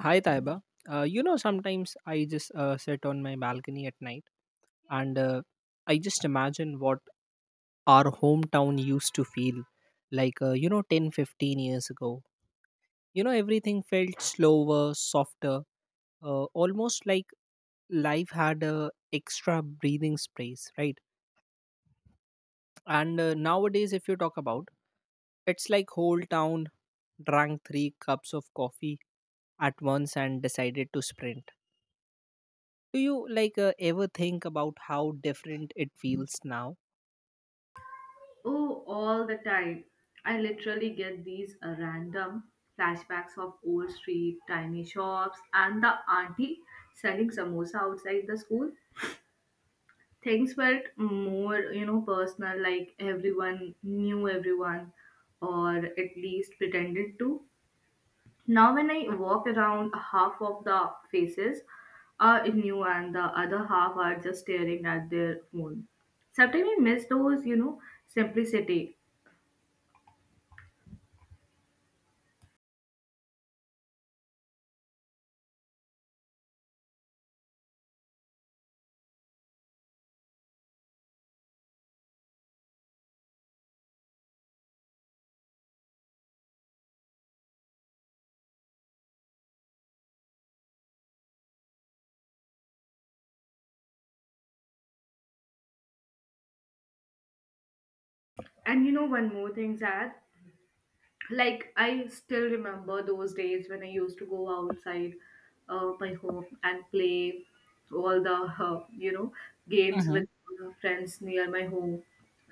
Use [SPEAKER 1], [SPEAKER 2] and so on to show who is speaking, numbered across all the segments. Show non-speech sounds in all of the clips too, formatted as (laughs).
[SPEAKER 1] Hi, Taiba. Sometimes I just sit on my balcony at night and I just imagine what our hometown used to feel like, 10 15 years ago. You know, everything felt slower, softer, almost like life had a extra breathing space, right? And Nowadays, if you talk about, it's like whole town drank three cups of coffee at once and decided to sprint. Do you ever think about how different it feels now?
[SPEAKER 2] Oh, all the time. I literally get these random flashbacks of old street, tiny shops, and the auntie selling samosa outside the school. Things felt more, personal, like everyone knew everyone, or at least pretended to. Now, when I walk around, half of the faces are new, and the other half are just staring at their phone. Sometimes I miss those, simplicity. And you know, one more thing, Zad. Like, I still remember those days when I used to go outside my home and play all the, games
[SPEAKER 1] Hmm.
[SPEAKER 2] with friends near my home.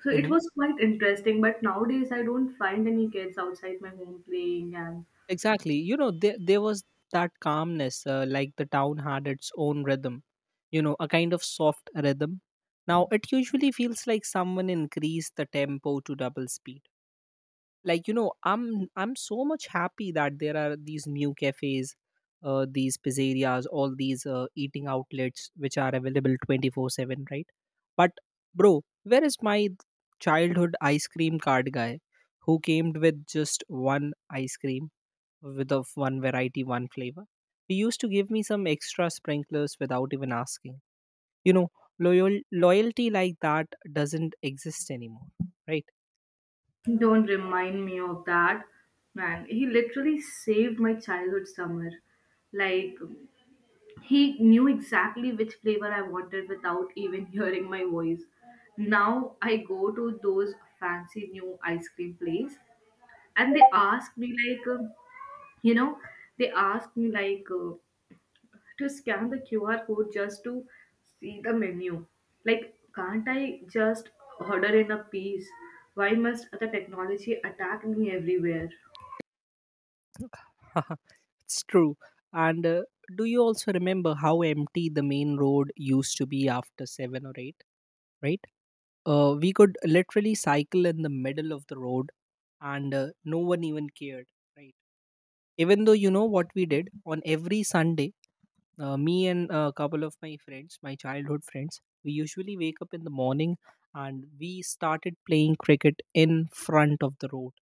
[SPEAKER 2] So it
[SPEAKER 1] Hmm.
[SPEAKER 2] was quite interesting. But nowadays, I don't find any kids outside my home playing, and
[SPEAKER 1] Exactly. You know, there was that calmness, like the town had its own rhythm, you know, a kind of soft rhythm. Now, it usually feels like someone increased the tempo to double speed. Like, you know, I'm so much happy that there are these new cafes, these pizzerias, all these eating outlets which are available 24/7, right? But, bro, where is my childhood ice cream card guy who came with just one ice cream, with of one variety, one flavor? He used to give me some extra sprinklers without even asking you know Loyal, loyalty like that doesn't exist anymore.
[SPEAKER 2] don't remind me of that. Man, he literally saved my childhood summer. Like, he knew exactly which flavor I wanted without even (laughs) hearing my voice. Now I go to those fancy new ice cream place and they ask me like, you know, they ask me like to scan the QR code just to see the menu. Like, can't I just order in a piece? Why must the technology attack me everywhere?
[SPEAKER 1] Right. (laughs) It's true. And do you also remember how empty the main road used to be after 7 or 8, right? We could literally cycle in the middle of the road and no one even cared, right? Even though you know what we did on every Sunday, me and a couple of my friends, my childhood friends, we usually wake up in the morning and we started playing cricket in front of the road.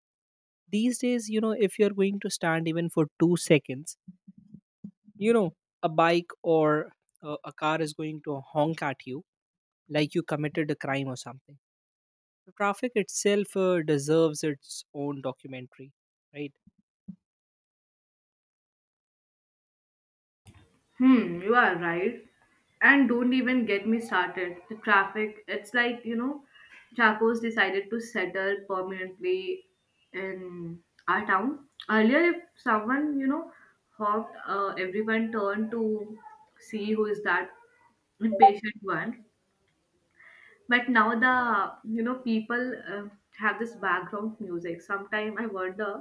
[SPEAKER 1] These days, you know, if you're going to stand even for 2 seconds, you know, a bike or a car is going to honk at you like you committed a crime or something. The traffic itself deserves its own documentary, right?
[SPEAKER 2] Hmm, you are right. And don't even get me started. The traffic, it's like, you know, Chacos decided to settle permanently in our town. Earlier, if someone, you know, hopped, everyone turned to see who is that impatient one, but now the, you know, people have this background music. Sometime I wonder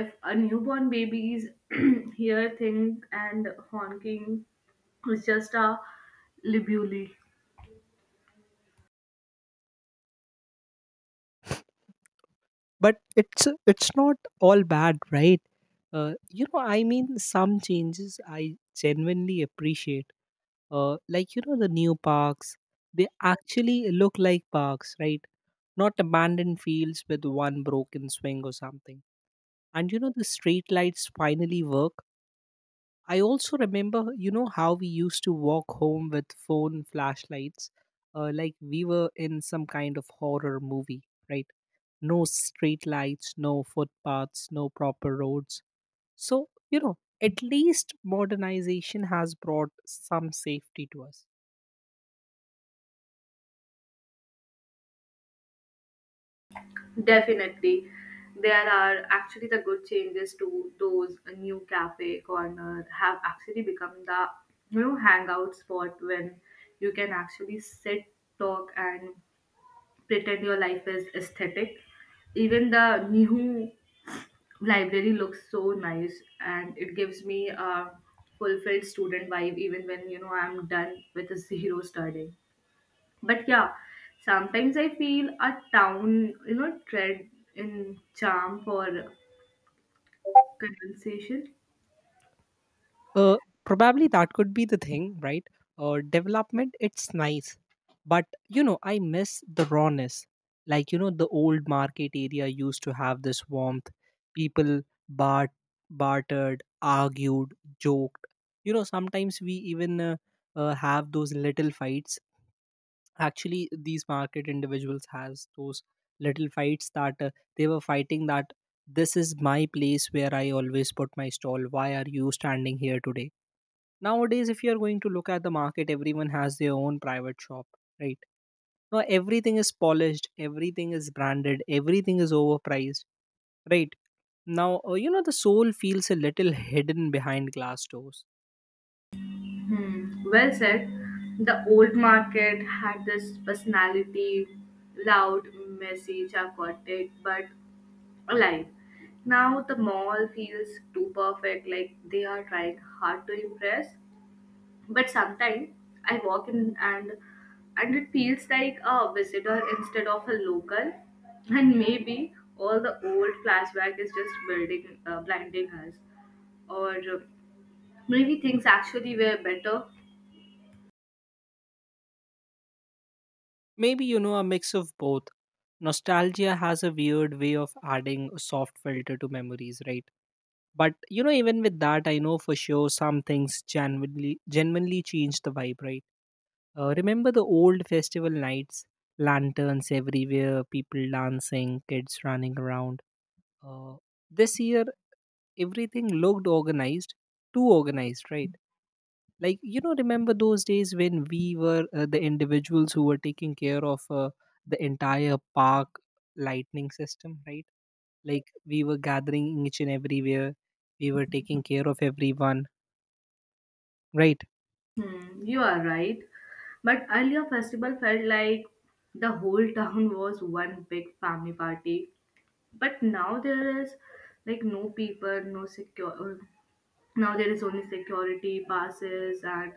[SPEAKER 2] if a newborn baby's (clears throat) hear thing and honking is just a libuli.
[SPEAKER 1] But it's not all bad, right? I mean, some changes I genuinely appreciate, like, you know, the new parks, they actually look like parks, right? Not abandoned fields with one broken swing or something. And you know the street lights finally work. I also remember, you know, how we used to walk home with phone flashlights, like we were in some kind of horror movie, right? No street lights, no footpaths, no proper roads. So, you know, at least modernization has brought some safety to us.
[SPEAKER 2] Definitely, there are actually the good changes to those new cafe corner, have actually become the, you know, hangout spot when you can actually sit, talk, and pretend your life is aesthetic. Even the new library looks so nice and it gives me a fulfilled student vibe even when, you know, I'm done with a (laughs) zero studying. But yeah, sometimes I feel a town, you know, tread in charm for conversation.
[SPEAKER 1] Uh, Probably that could be the thing, right? Development, it's nice. But, you know, I miss the rawness. Like, you know, the old market area used to have this warmth. People bart- bartered, argued, joked. You know, sometimes we even have those little fights. Actually, these market individuals has those little fights that they were fighting that this is my place where I always put my stall. Why are you standing here today? Nowadays, if you are going to look at the market, everyone has their own private shop, right? Now everything is polished, everything is branded, everything is overpriced, right? Now you know, the soul feels a little hidden behind glass doors.
[SPEAKER 2] Hmm, well said. The old market had this personality, loud, messy, chaotic, but alive. Now the mall feels too perfect, like they are trying hard to impress. But sometimes I walk in and it feels like a visitor instead of a local. And maybe all the old flashback is just building, blinding us, or maybe things actually were better.
[SPEAKER 1] Maybe, you know, a mix of both. Nostalgia has a weird way of adding a soft filter to memories, right? But you know, even with that, I know for sure some things genuinely genuinely change the vibe, right? Remember the old festival nights? Lanterns everywhere, people dancing, kids running around. Uh, this year, everything looked organized, too organized, right? Like, you know, remember those days when we were the individuals who were taking care of the entire park lightning system, right? Like, we were gathering each and everywhere, we were taking care of everyone, right?
[SPEAKER 2] Hmm, you are right. But earlier festival felt like the whole (laughs) town was one big family party. But now there is like no people, no secure. Now there is only security passes and,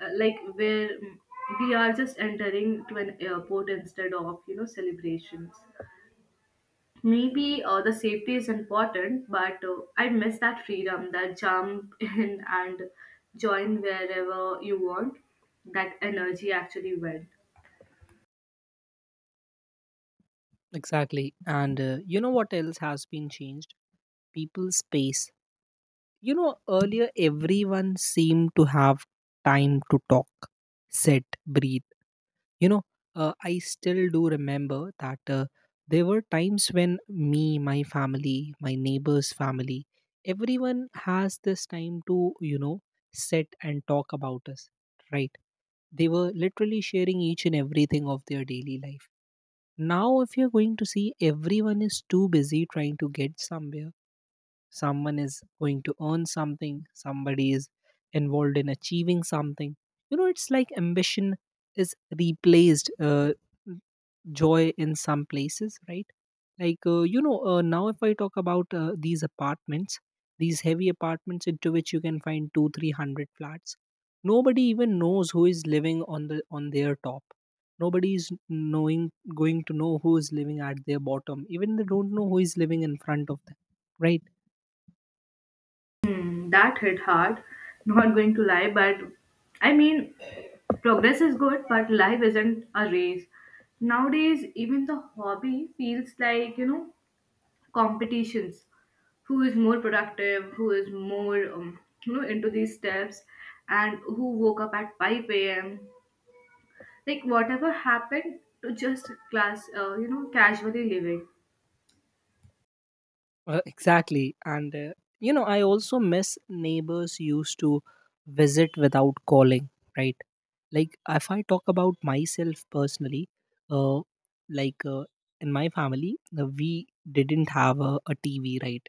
[SPEAKER 2] like where we are just entering to an airport instead of, you know, celebrations. Maybe the safety is important, but I miss that freedom, that jump (laughs) in and join wherever you want. That energy actually went.
[SPEAKER 1] Exactly. And you know what else has been changed? People's space. You know, earlier everyone seemed to have time to talk, sit, breathe. You know, I still do remember that there were times when me, my family, my neighbor's family, everyone has this time to, you know, sit and talk about us, right? They were literally sharing each and everything of their daily life. Now, if you're going to see, everyone is too busy trying to get somewhere. Someone is going to earn something, somebody is involved in achieving something. You know, it's like ambition is replaced joy in some places, right? Like, now if I talk about these apartments, these heavy apartments into which you can find 2 300 flats, nobody even knows who is living on their top, nobody is knowing going to know who is living at their bottom, even they don't know who is living in front of them, right?
[SPEAKER 2] Hmm, that hit hard. Not going to lie, but I mean, progress is good, but life isn't a race. Nowadays, even the hobby feels like, you know, competitions. Who is more productive, who is more you know, into these steps, and who woke up at 5 a.m. Like whatever happened to just class you know, casually living.
[SPEAKER 1] Exactly. And, you know, I also miss neighbors used to visit without calling, right? Like, if I talk about myself personally, uh, like uh, in my family, we didn't have a TV, right?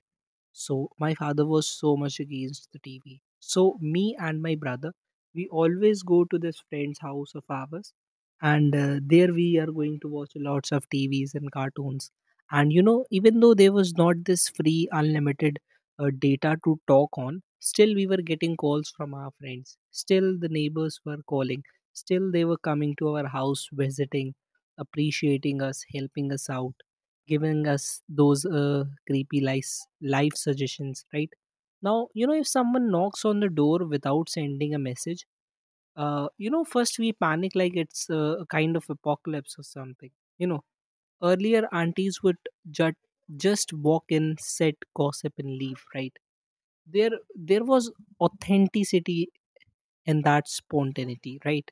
[SPEAKER 1] So my father was so much against the TV. So me and my brother, we always go to this friend's house of ours, and there we are going to watch lots of TVs and cartoons. And you know, even though there was not this free unlimited data to talk on, still we were getting calls from our friends. Still the neighbors were calling. Still they were coming to our house, visiting, appreciating us, helping us out, giving us those creepy life suggestions, right? Now, you know, if someone knocks on the door without sending a message, you know, first we panic like it's a kind of apocalypse or something. You know, earlier aunties would jut, just walk in, set gossip, and leave, right? There was authenticity in that spontaneity, right?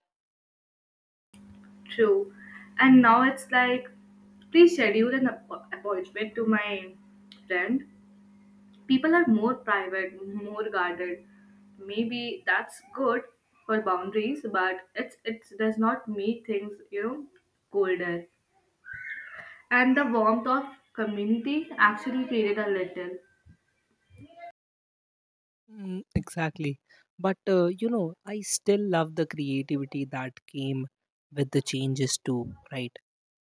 [SPEAKER 2] True, and now it's like please schedule an appointment to my friend. People are more private, more guarded. Maybe that's good for boundaries, but it does not make things, you know, colder. And the warmth of community actually created a little.
[SPEAKER 1] Mm, exactly. But you know, I still love the creativity that came with the changes too, right?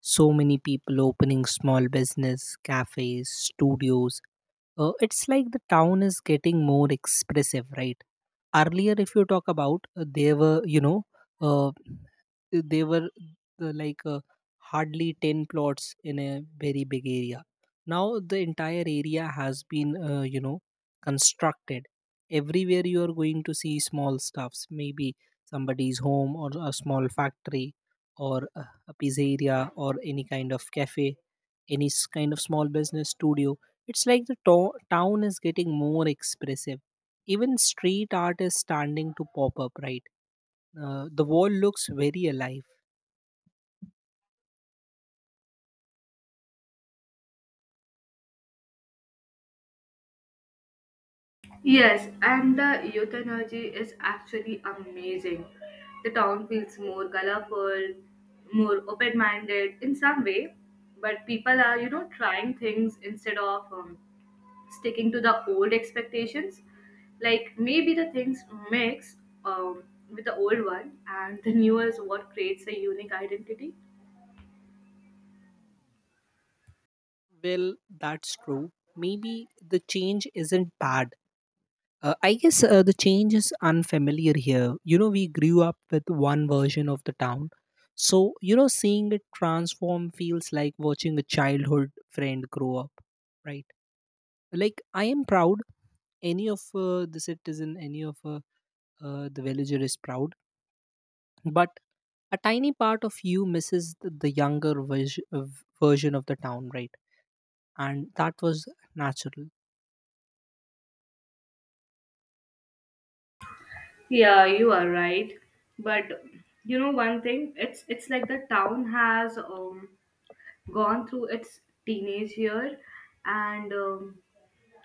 [SPEAKER 1] So many people opening small business, cafes, studios. It's like the town is getting more expressive, right? Earlier, if you talk about, there were, you know, uh, they were like hardly 10 plots in a very big area. Now the entire area has been constructed. Everywhere you are going to see small stuffs, maybe somebody's home or a small factory or a pizzeria or any kind of cafe, kind of small business studio. It's like the town is getting more expressive. Even street art is standing to pop up, right? Uh, the wall looks very alive.
[SPEAKER 2] Yes, and the youth energy is actually amazing. The town feels more colorful, more open minded in some way, but people are, you know, trying things instead of sticking to the old expectations. Like maybe the things mix, um, with the old one, and the new is what creates a unique identity.
[SPEAKER 1] Well, that's true. Maybe the change isn't bad. I guess the change is unfamiliar here. You know, we grew up with one version of the town. So, you know, seeing it transform feels like watching a childhood friend grow up, right? Like, I am proud. Any of the citizen, any of the villager is proud. But a tiny part of you misses the younger version of the town, right? And that was natural.
[SPEAKER 2] Yeah, you are right. But you know one thing, it's like the town has gone through its teenage year, and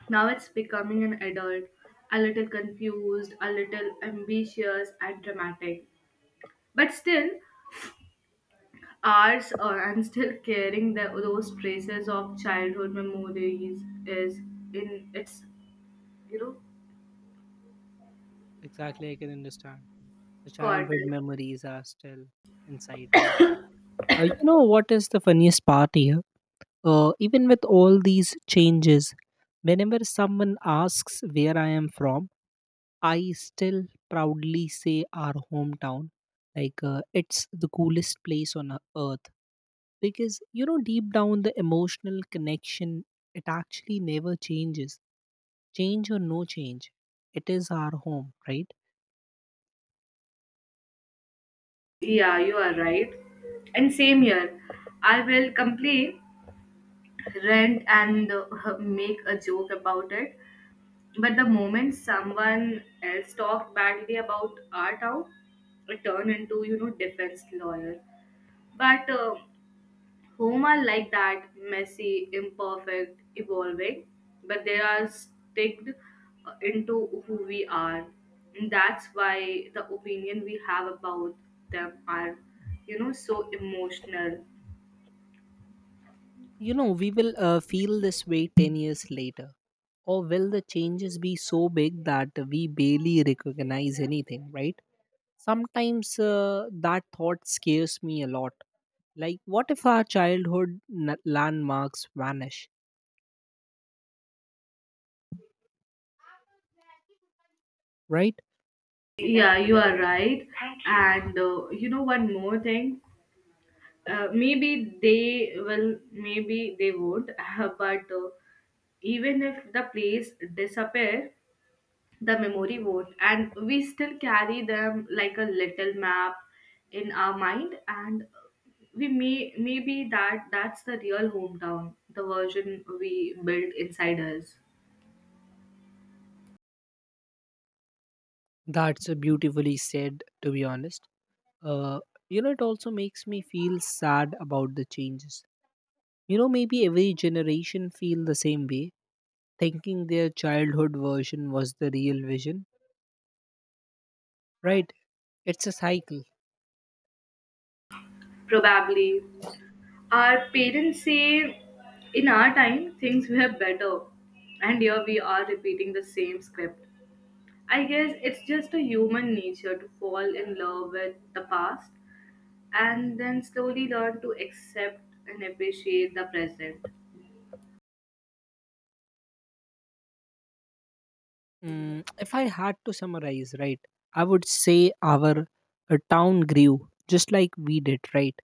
[SPEAKER 2] now it's becoming an adult, a little confused, a little ambitious and dramatic. But still ours (laughs) and still carrying the, those traces of childhood memories is in its, you know,
[SPEAKER 1] Exactly, I can understand. The
[SPEAKER 2] quarter.
[SPEAKER 1] childhood memories are still inside, right? You know what is the funniest part here? Even with all these changes, whenever someone asks where I am from, I still proudly say our hometown. Like, it's the coolest place on earth, because you know deep down the emotional connection, it actually never changes. Change or no change, it is our home, right?
[SPEAKER 2] Yeah, you are right. And same here. I will complain, rant, and (laughs) make a joke about it. But the moment someone else talked badly about our town, it turned into, you know, defense lawyer. But home are like that, messy, imperfect, evolving. But they are sticked into who we are, and that's why the opinion we have about them are, you know, so emotional.
[SPEAKER 1] You know, we will feel this way 10 years later. Or will the changes be so big that we barely recognize anything, right? Sometimes that thought scares me a lot. Like, what if our childhood landmarks vanish, right?
[SPEAKER 2] Yeah, you are right. And you know one more thing. Maybe they will, maybe they would, (laughs) but even if the place disappear, the memory won't, and we still carry them like a little map in our mind, and we may maybe that's the real hometown, the version we built inside us.
[SPEAKER 1] That's beautifully said, to be honest. Uh, you know, it also makes me feel sad about the changes. You know, maybe every generation feel the same way, thinking their childhood version was the real vision, right? It's a cycle.
[SPEAKER 2] Probably our parents say in our time things were better, and here we are repeating the same script. I guess it's just a human nature to fall in love with the past and then slowly learn to accept and appreciate the present.
[SPEAKER 1] Mm, if I had to summarize, right, I would say our town grew just like we did, right?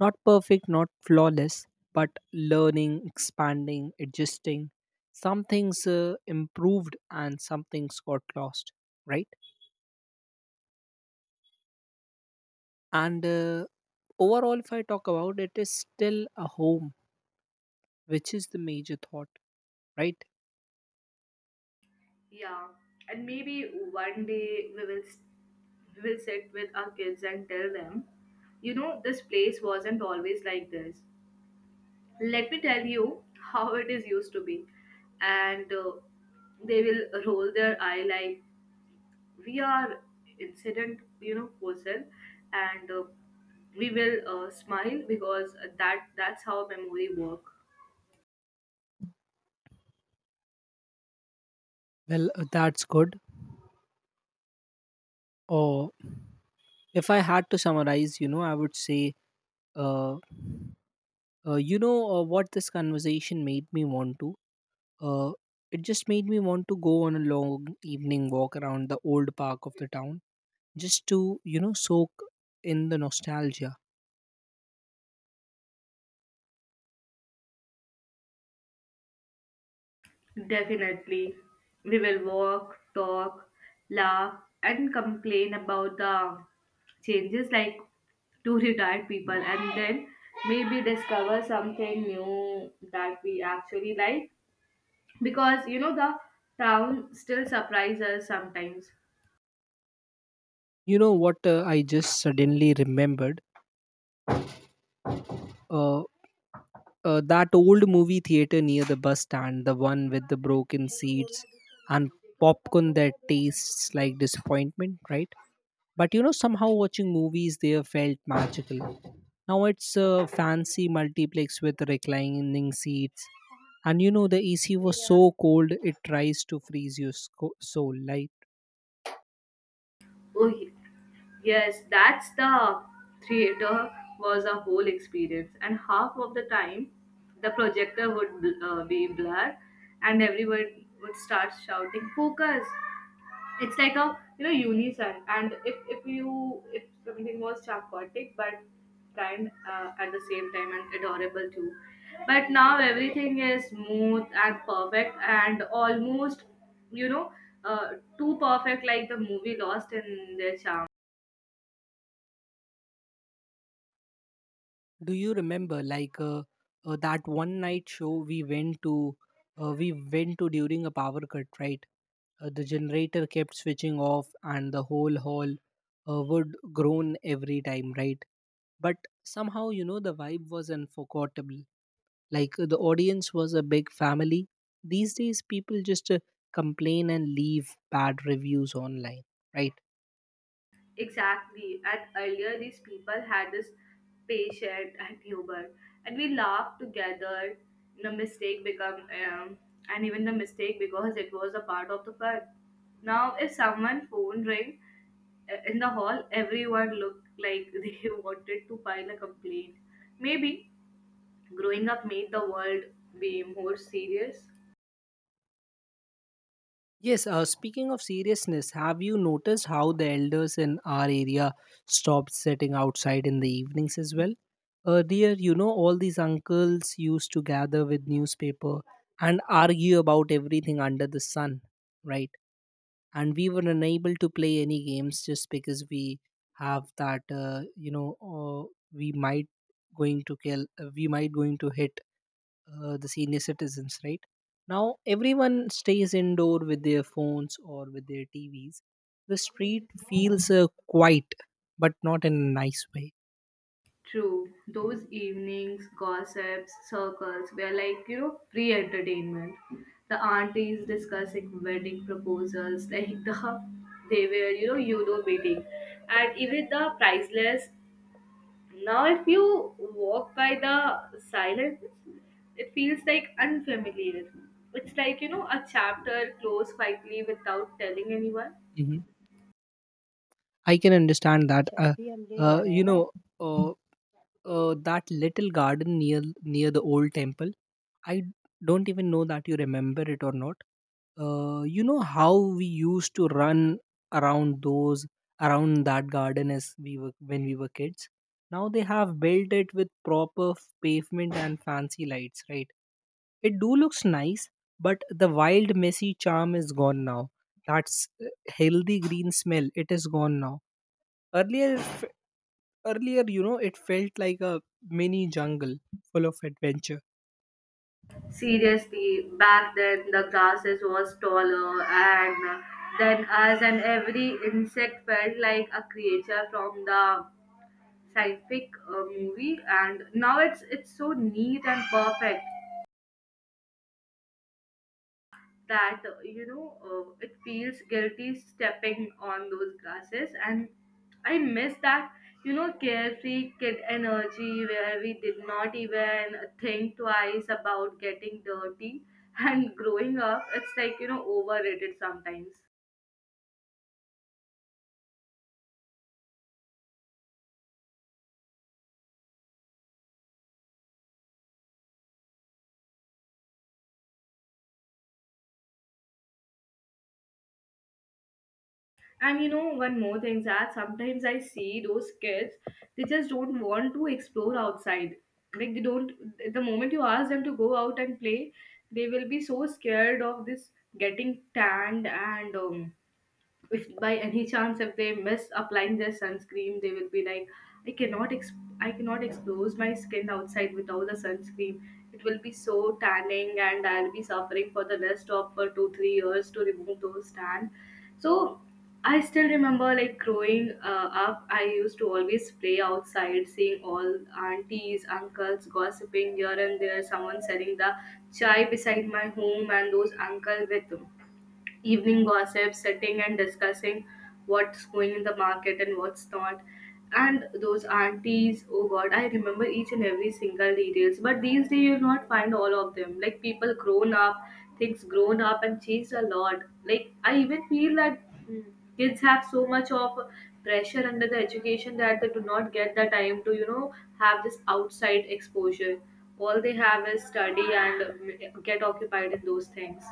[SPEAKER 1] Not perfect, not flawless, but learning, expanding, adjusting. Some things improved and some things got lost, right? And overall, if I talk about it, is still a home, which is the major thought, right?
[SPEAKER 2] Yeah, and maybe one day we will sit with our kids and tell them, you know, this place wasn't always like this. Let me tell you (laughs) how it is used to be, and they will roll their eye like we are incident, you know, person, and we will smile because that's how memory work.
[SPEAKER 1] Well, that's good. Or if I had to summarize, you know, I would say. Uh, what this conversation made me want to? Uh, it just made me want to go on a long evening walk around the old park of the town just to, you know, soak in the nostalgia.
[SPEAKER 2] Definitely, we will walk, talk, laugh, and complain about the changes like to retired people, and then maybe discover something new that we actually like, because, you know, the town still surprises us sometimes.
[SPEAKER 1] You know what, I just suddenly remembered? Uh, that old movie theater near the bus stand, the one with the broken seats and popcorn that tastes like disappointment, right? But you know, somehow watching movies there felt magical. Now it's a fancy multiplex with reclining seats. And you know, the AC was so cold it tries to freeze your soul. Like,
[SPEAKER 2] Oh, yes, that's the theater was a whole experience, and half of the time, the projector would be blur, and everyone would start shouting "Focus!" It's like a, you know, unison, and if you if something was chaotic but kind at the same time and adorable too, but now everything is smooth and perfect and almost, you know, uh, too perfect, like the movie lost in their charm.
[SPEAKER 1] do you remember that one night show we went to? We went to during a power cut, right? The generator kept switching off, and the whole hall would groan every time, right? But somehow, you know, the vibe was unforgettable. The audience was a big family. These days people just complain and leave bad reviews online, right?
[SPEAKER 2] Exactly. And earlier, these people had this patient and humor, and we laughed together. The mistake become, and even the mistake because it was a part of the fun. Now, if someone phone ring in the hall, everyone looked like (laughs) they wanted to file a complaint. Maybe growing up made the world be more serious.
[SPEAKER 1] Yes, speaking of seriousness, have you noticed how the elders in our area stopped sitting outside in the evenings as well? Earlier, you know, all these uncles used to gather with newspaper and argue about everything under the sun, right? And we were unable to play any games just because we have that we might going to kill, we might going to hit the senior citizens, right? Now everyone stays indoor with their phones or with their TVs. The street feels quiet, but not in a nice way.
[SPEAKER 2] True, those evenings, gossips, circles were like, you know, free entertainment. The aunties discussing wedding proposals, (laughs) like the they were, you know, you know, meeting. And even the priceless, now if you walk by the silence, it feels like unfamiliar. It's like, you know, a chapter closed quietly without telling anyone.
[SPEAKER 1] Hmm. I can understand that. Uh, you know uh, that little garden near near the old temple, I don't even know that you remember it or not. You know how we used to run around those, around that garden as we were, when we were kids. Now they have built it with proper pavement and fancy lights, right? It do looks nice, but the wild messy charm is gone now. That's healthy green smell, it is gone now. Earlier f- earlier you know, it felt like a mini jungle, full of adventure.
[SPEAKER 2] Seriously, back then the grasses was taller, and then us and every insect felt like a creature from the scientific movie. And now it's so neat and perfect. That you know, it feels guilty stepping on those grasses, and I miss that, you know, carefree kid energy where we did not even think twice about getting dirty. (laughs) And growing up, it's like, you know, overrated sometimes. And you know, one more thing, that sometimes I see those kids, they just don't want to explore outside. Like they don't, the moment you ask them to go out and play, they will be so scared of this getting tanned and if by any chance if they miss applying their sunscreen they will be like i cannot ex- I cannot expose my skin outside without the sunscreen. It will be so tanning and I'll be suffering for the rest of 2 3 years to remove those tan. So I still remember like growing up I used to always play outside, seeing all aunties uncles gossiping here and there, someone selling the chai beside my home, and those uncle with evening gossip, sitting and discussing what's going in the market and what's not. And those aunties, oh god, I remember each and every single details. But these days you'll not find all of them. Like people grown up, things grown up and changed a lot. Like I even feel that mm, kids have so much of pressure under the education that they do not get the time to, you know, have this outside exposure. All they have is study and, get occupied in those things.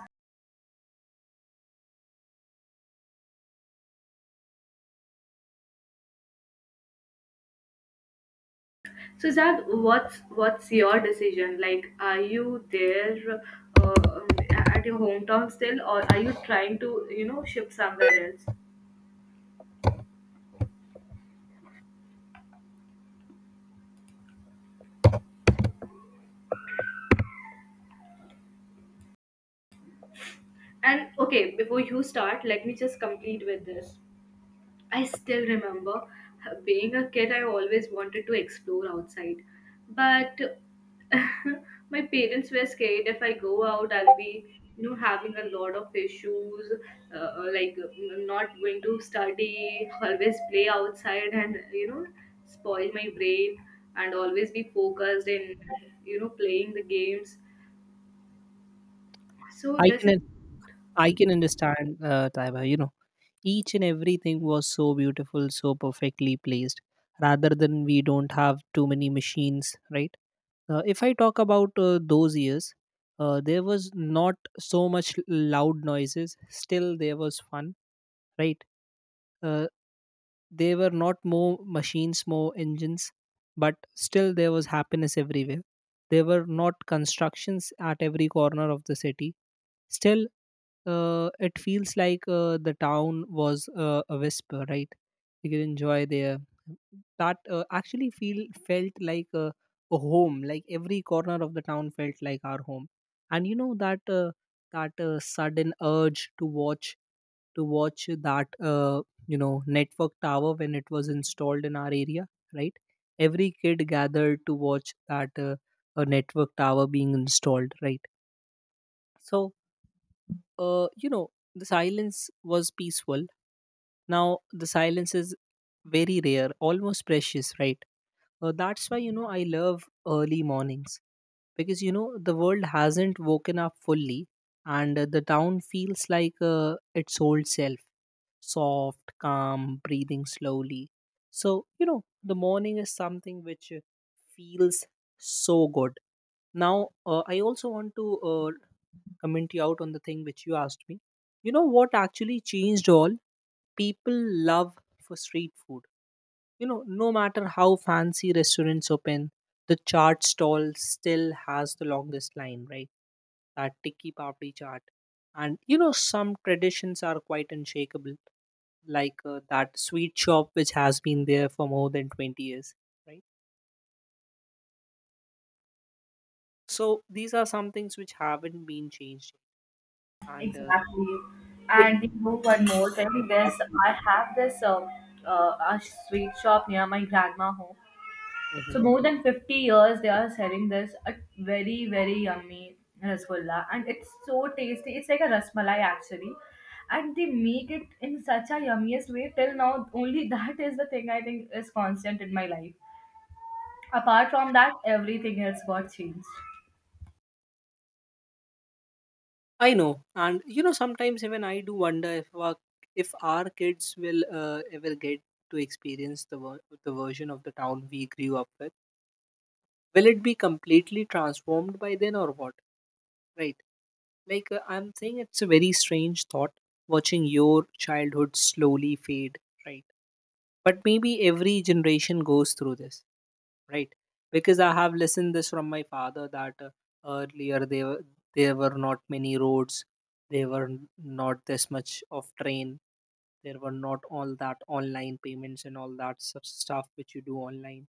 [SPEAKER 2] So Zad, what's your decision? Like, are you there at your hometown still, or are you trying to, you know, shift somewhere else? And okay, before you start, let me just complete with this. I still remember being a kid, I always wanted to explore outside. But (laughs) my parents were scared if I go out, I'll be, you know, having a lot of issues, like not going to study, always play outside and, you know, spoil my brain and always be focused in, you know, playing the games. So
[SPEAKER 1] i
[SPEAKER 2] this
[SPEAKER 1] can
[SPEAKER 2] is
[SPEAKER 1] un- I can understand, taiba, you know. Each and everything was so beautiful, so perfectly placed. Rather than we don't have too many machines, right? If I talk about those years, there was not so much loud noises. Still, there was fun, right? Uh, they were not more machines, more engines, but still there was happiness everywhere. There were not constructions at every corner of the city. Still, it feels like the town was a whisper, right? You could enjoy there, that actually feel, felt like a home, like every corner of the town felt like our home. And you know that sudden urge to watch that, you know, network tower when it was installed in our area, right? Every kid gathered to watch that, a network tower being installed, right? So, you know, the silence was peaceful. Now the silence is very rare, almost precious, right? That's why, you know, I love early mornings, because, you know, the world hasn't woken up fully, and the town feels like its old self, soft, calm, breathing slowly. So, you know, the morning is something which feels so good. Now, I also want to comment you out on the thing which you asked me. You know what actually changed all? People love for street food. You know, no matter how fancy restaurants open, the chaat stall still has the longest line, right? That tikki papdi chaat. And you know, some traditions are quite unshakable, like that sweet shop which has been there for more than 20 years, right? So these are some things which haven't been changed. And
[SPEAKER 2] exactly.
[SPEAKER 1] it
[SPEAKER 2] And you know one
[SPEAKER 1] like
[SPEAKER 2] more
[SPEAKER 1] it's the
[SPEAKER 2] thing, this
[SPEAKER 1] heartbeat
[SPEAKER 2] I
[SPEAKER 1] of the
[SPEAKER 2] have this a sweet shop near my grandma home.
[SPEAKER 1] town.
[SPEAKER 2] So
[SPEAKER 1] Hmm.
[SPEAKER 2] more than 50 years they are selling this a very very yummy rasgulla and it's so tasty. It's like a rasmalai actually. And they make it in such a yummiest way till now only, (laughs) that is the thing I think is constant in my life. Apart from that everything else got changed.
[SPEAKER 1] I know, and you know, sometimes even I do wonder if our kids will ever get to experience the version of the town we grew up with. Will it be completely transformed by then or what? Right? I'm saying, it's a very strange thought, watching your childhood slowly fade. Right? But maybe every generation goes through this, right? Because I have listened this from my father that, earlier there were, there were not many roads, there were not this much of train, there were not all that online payments and all that sort of stuff which you do online.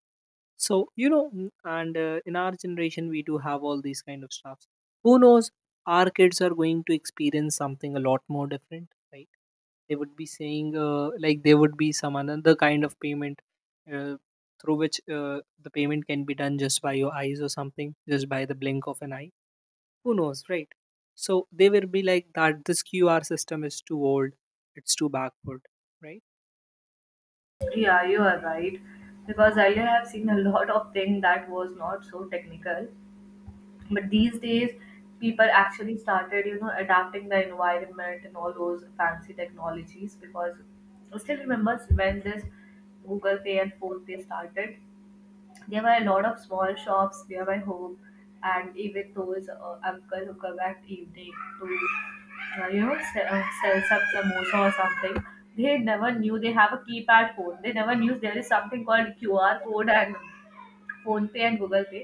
[SPEAKER 1] So you know, n- and in our generation we do have all these kind of stuffs. Who knows, our kids are going to experience something a lot more different, right? They would be saying, there would be some another kind of payment, uh, through which the payment can be done just by your eyes or something, just by the blink of an eye. Who knows, right? So they will be like that this QR system is too old, it's too backward, right?
[SPEAKER 2] Yeah, you are right. Because earlier I've seen a lot of thing that was not so technical. But these days, people actually started, you know, adapting the environment and all those fancy technologies. Because I still remember when this Google Pay and Phone Pay started, there were a lot of small shops near my home. And even those uncle who come at evening to you know, sells up samosa or something, they never knew they have a keypad phone, they never knew there is something called QR code and Phone Pay and Google Pay.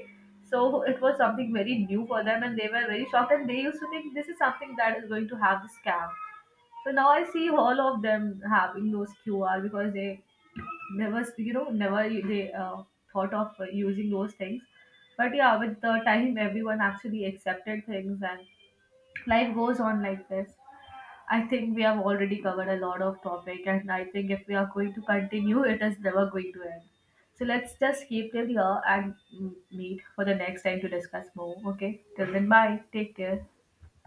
[SPEAKER 2] So it was something very new for them and they were very shocked and they used to think this is something that is going to have the scam. So now I see all of them having those QR because they never you know never they thought of using those things. But yeah, with the time everyone actually accepted things and life goes on like this. I think we have already covered a lot of topic, and I think if we are going to continue, it is never going to end. So let's just keep till here and, meet for the next time to discuss more. Okay, till then, bye. Take care.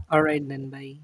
[SPEAKER 1] All right then, bye.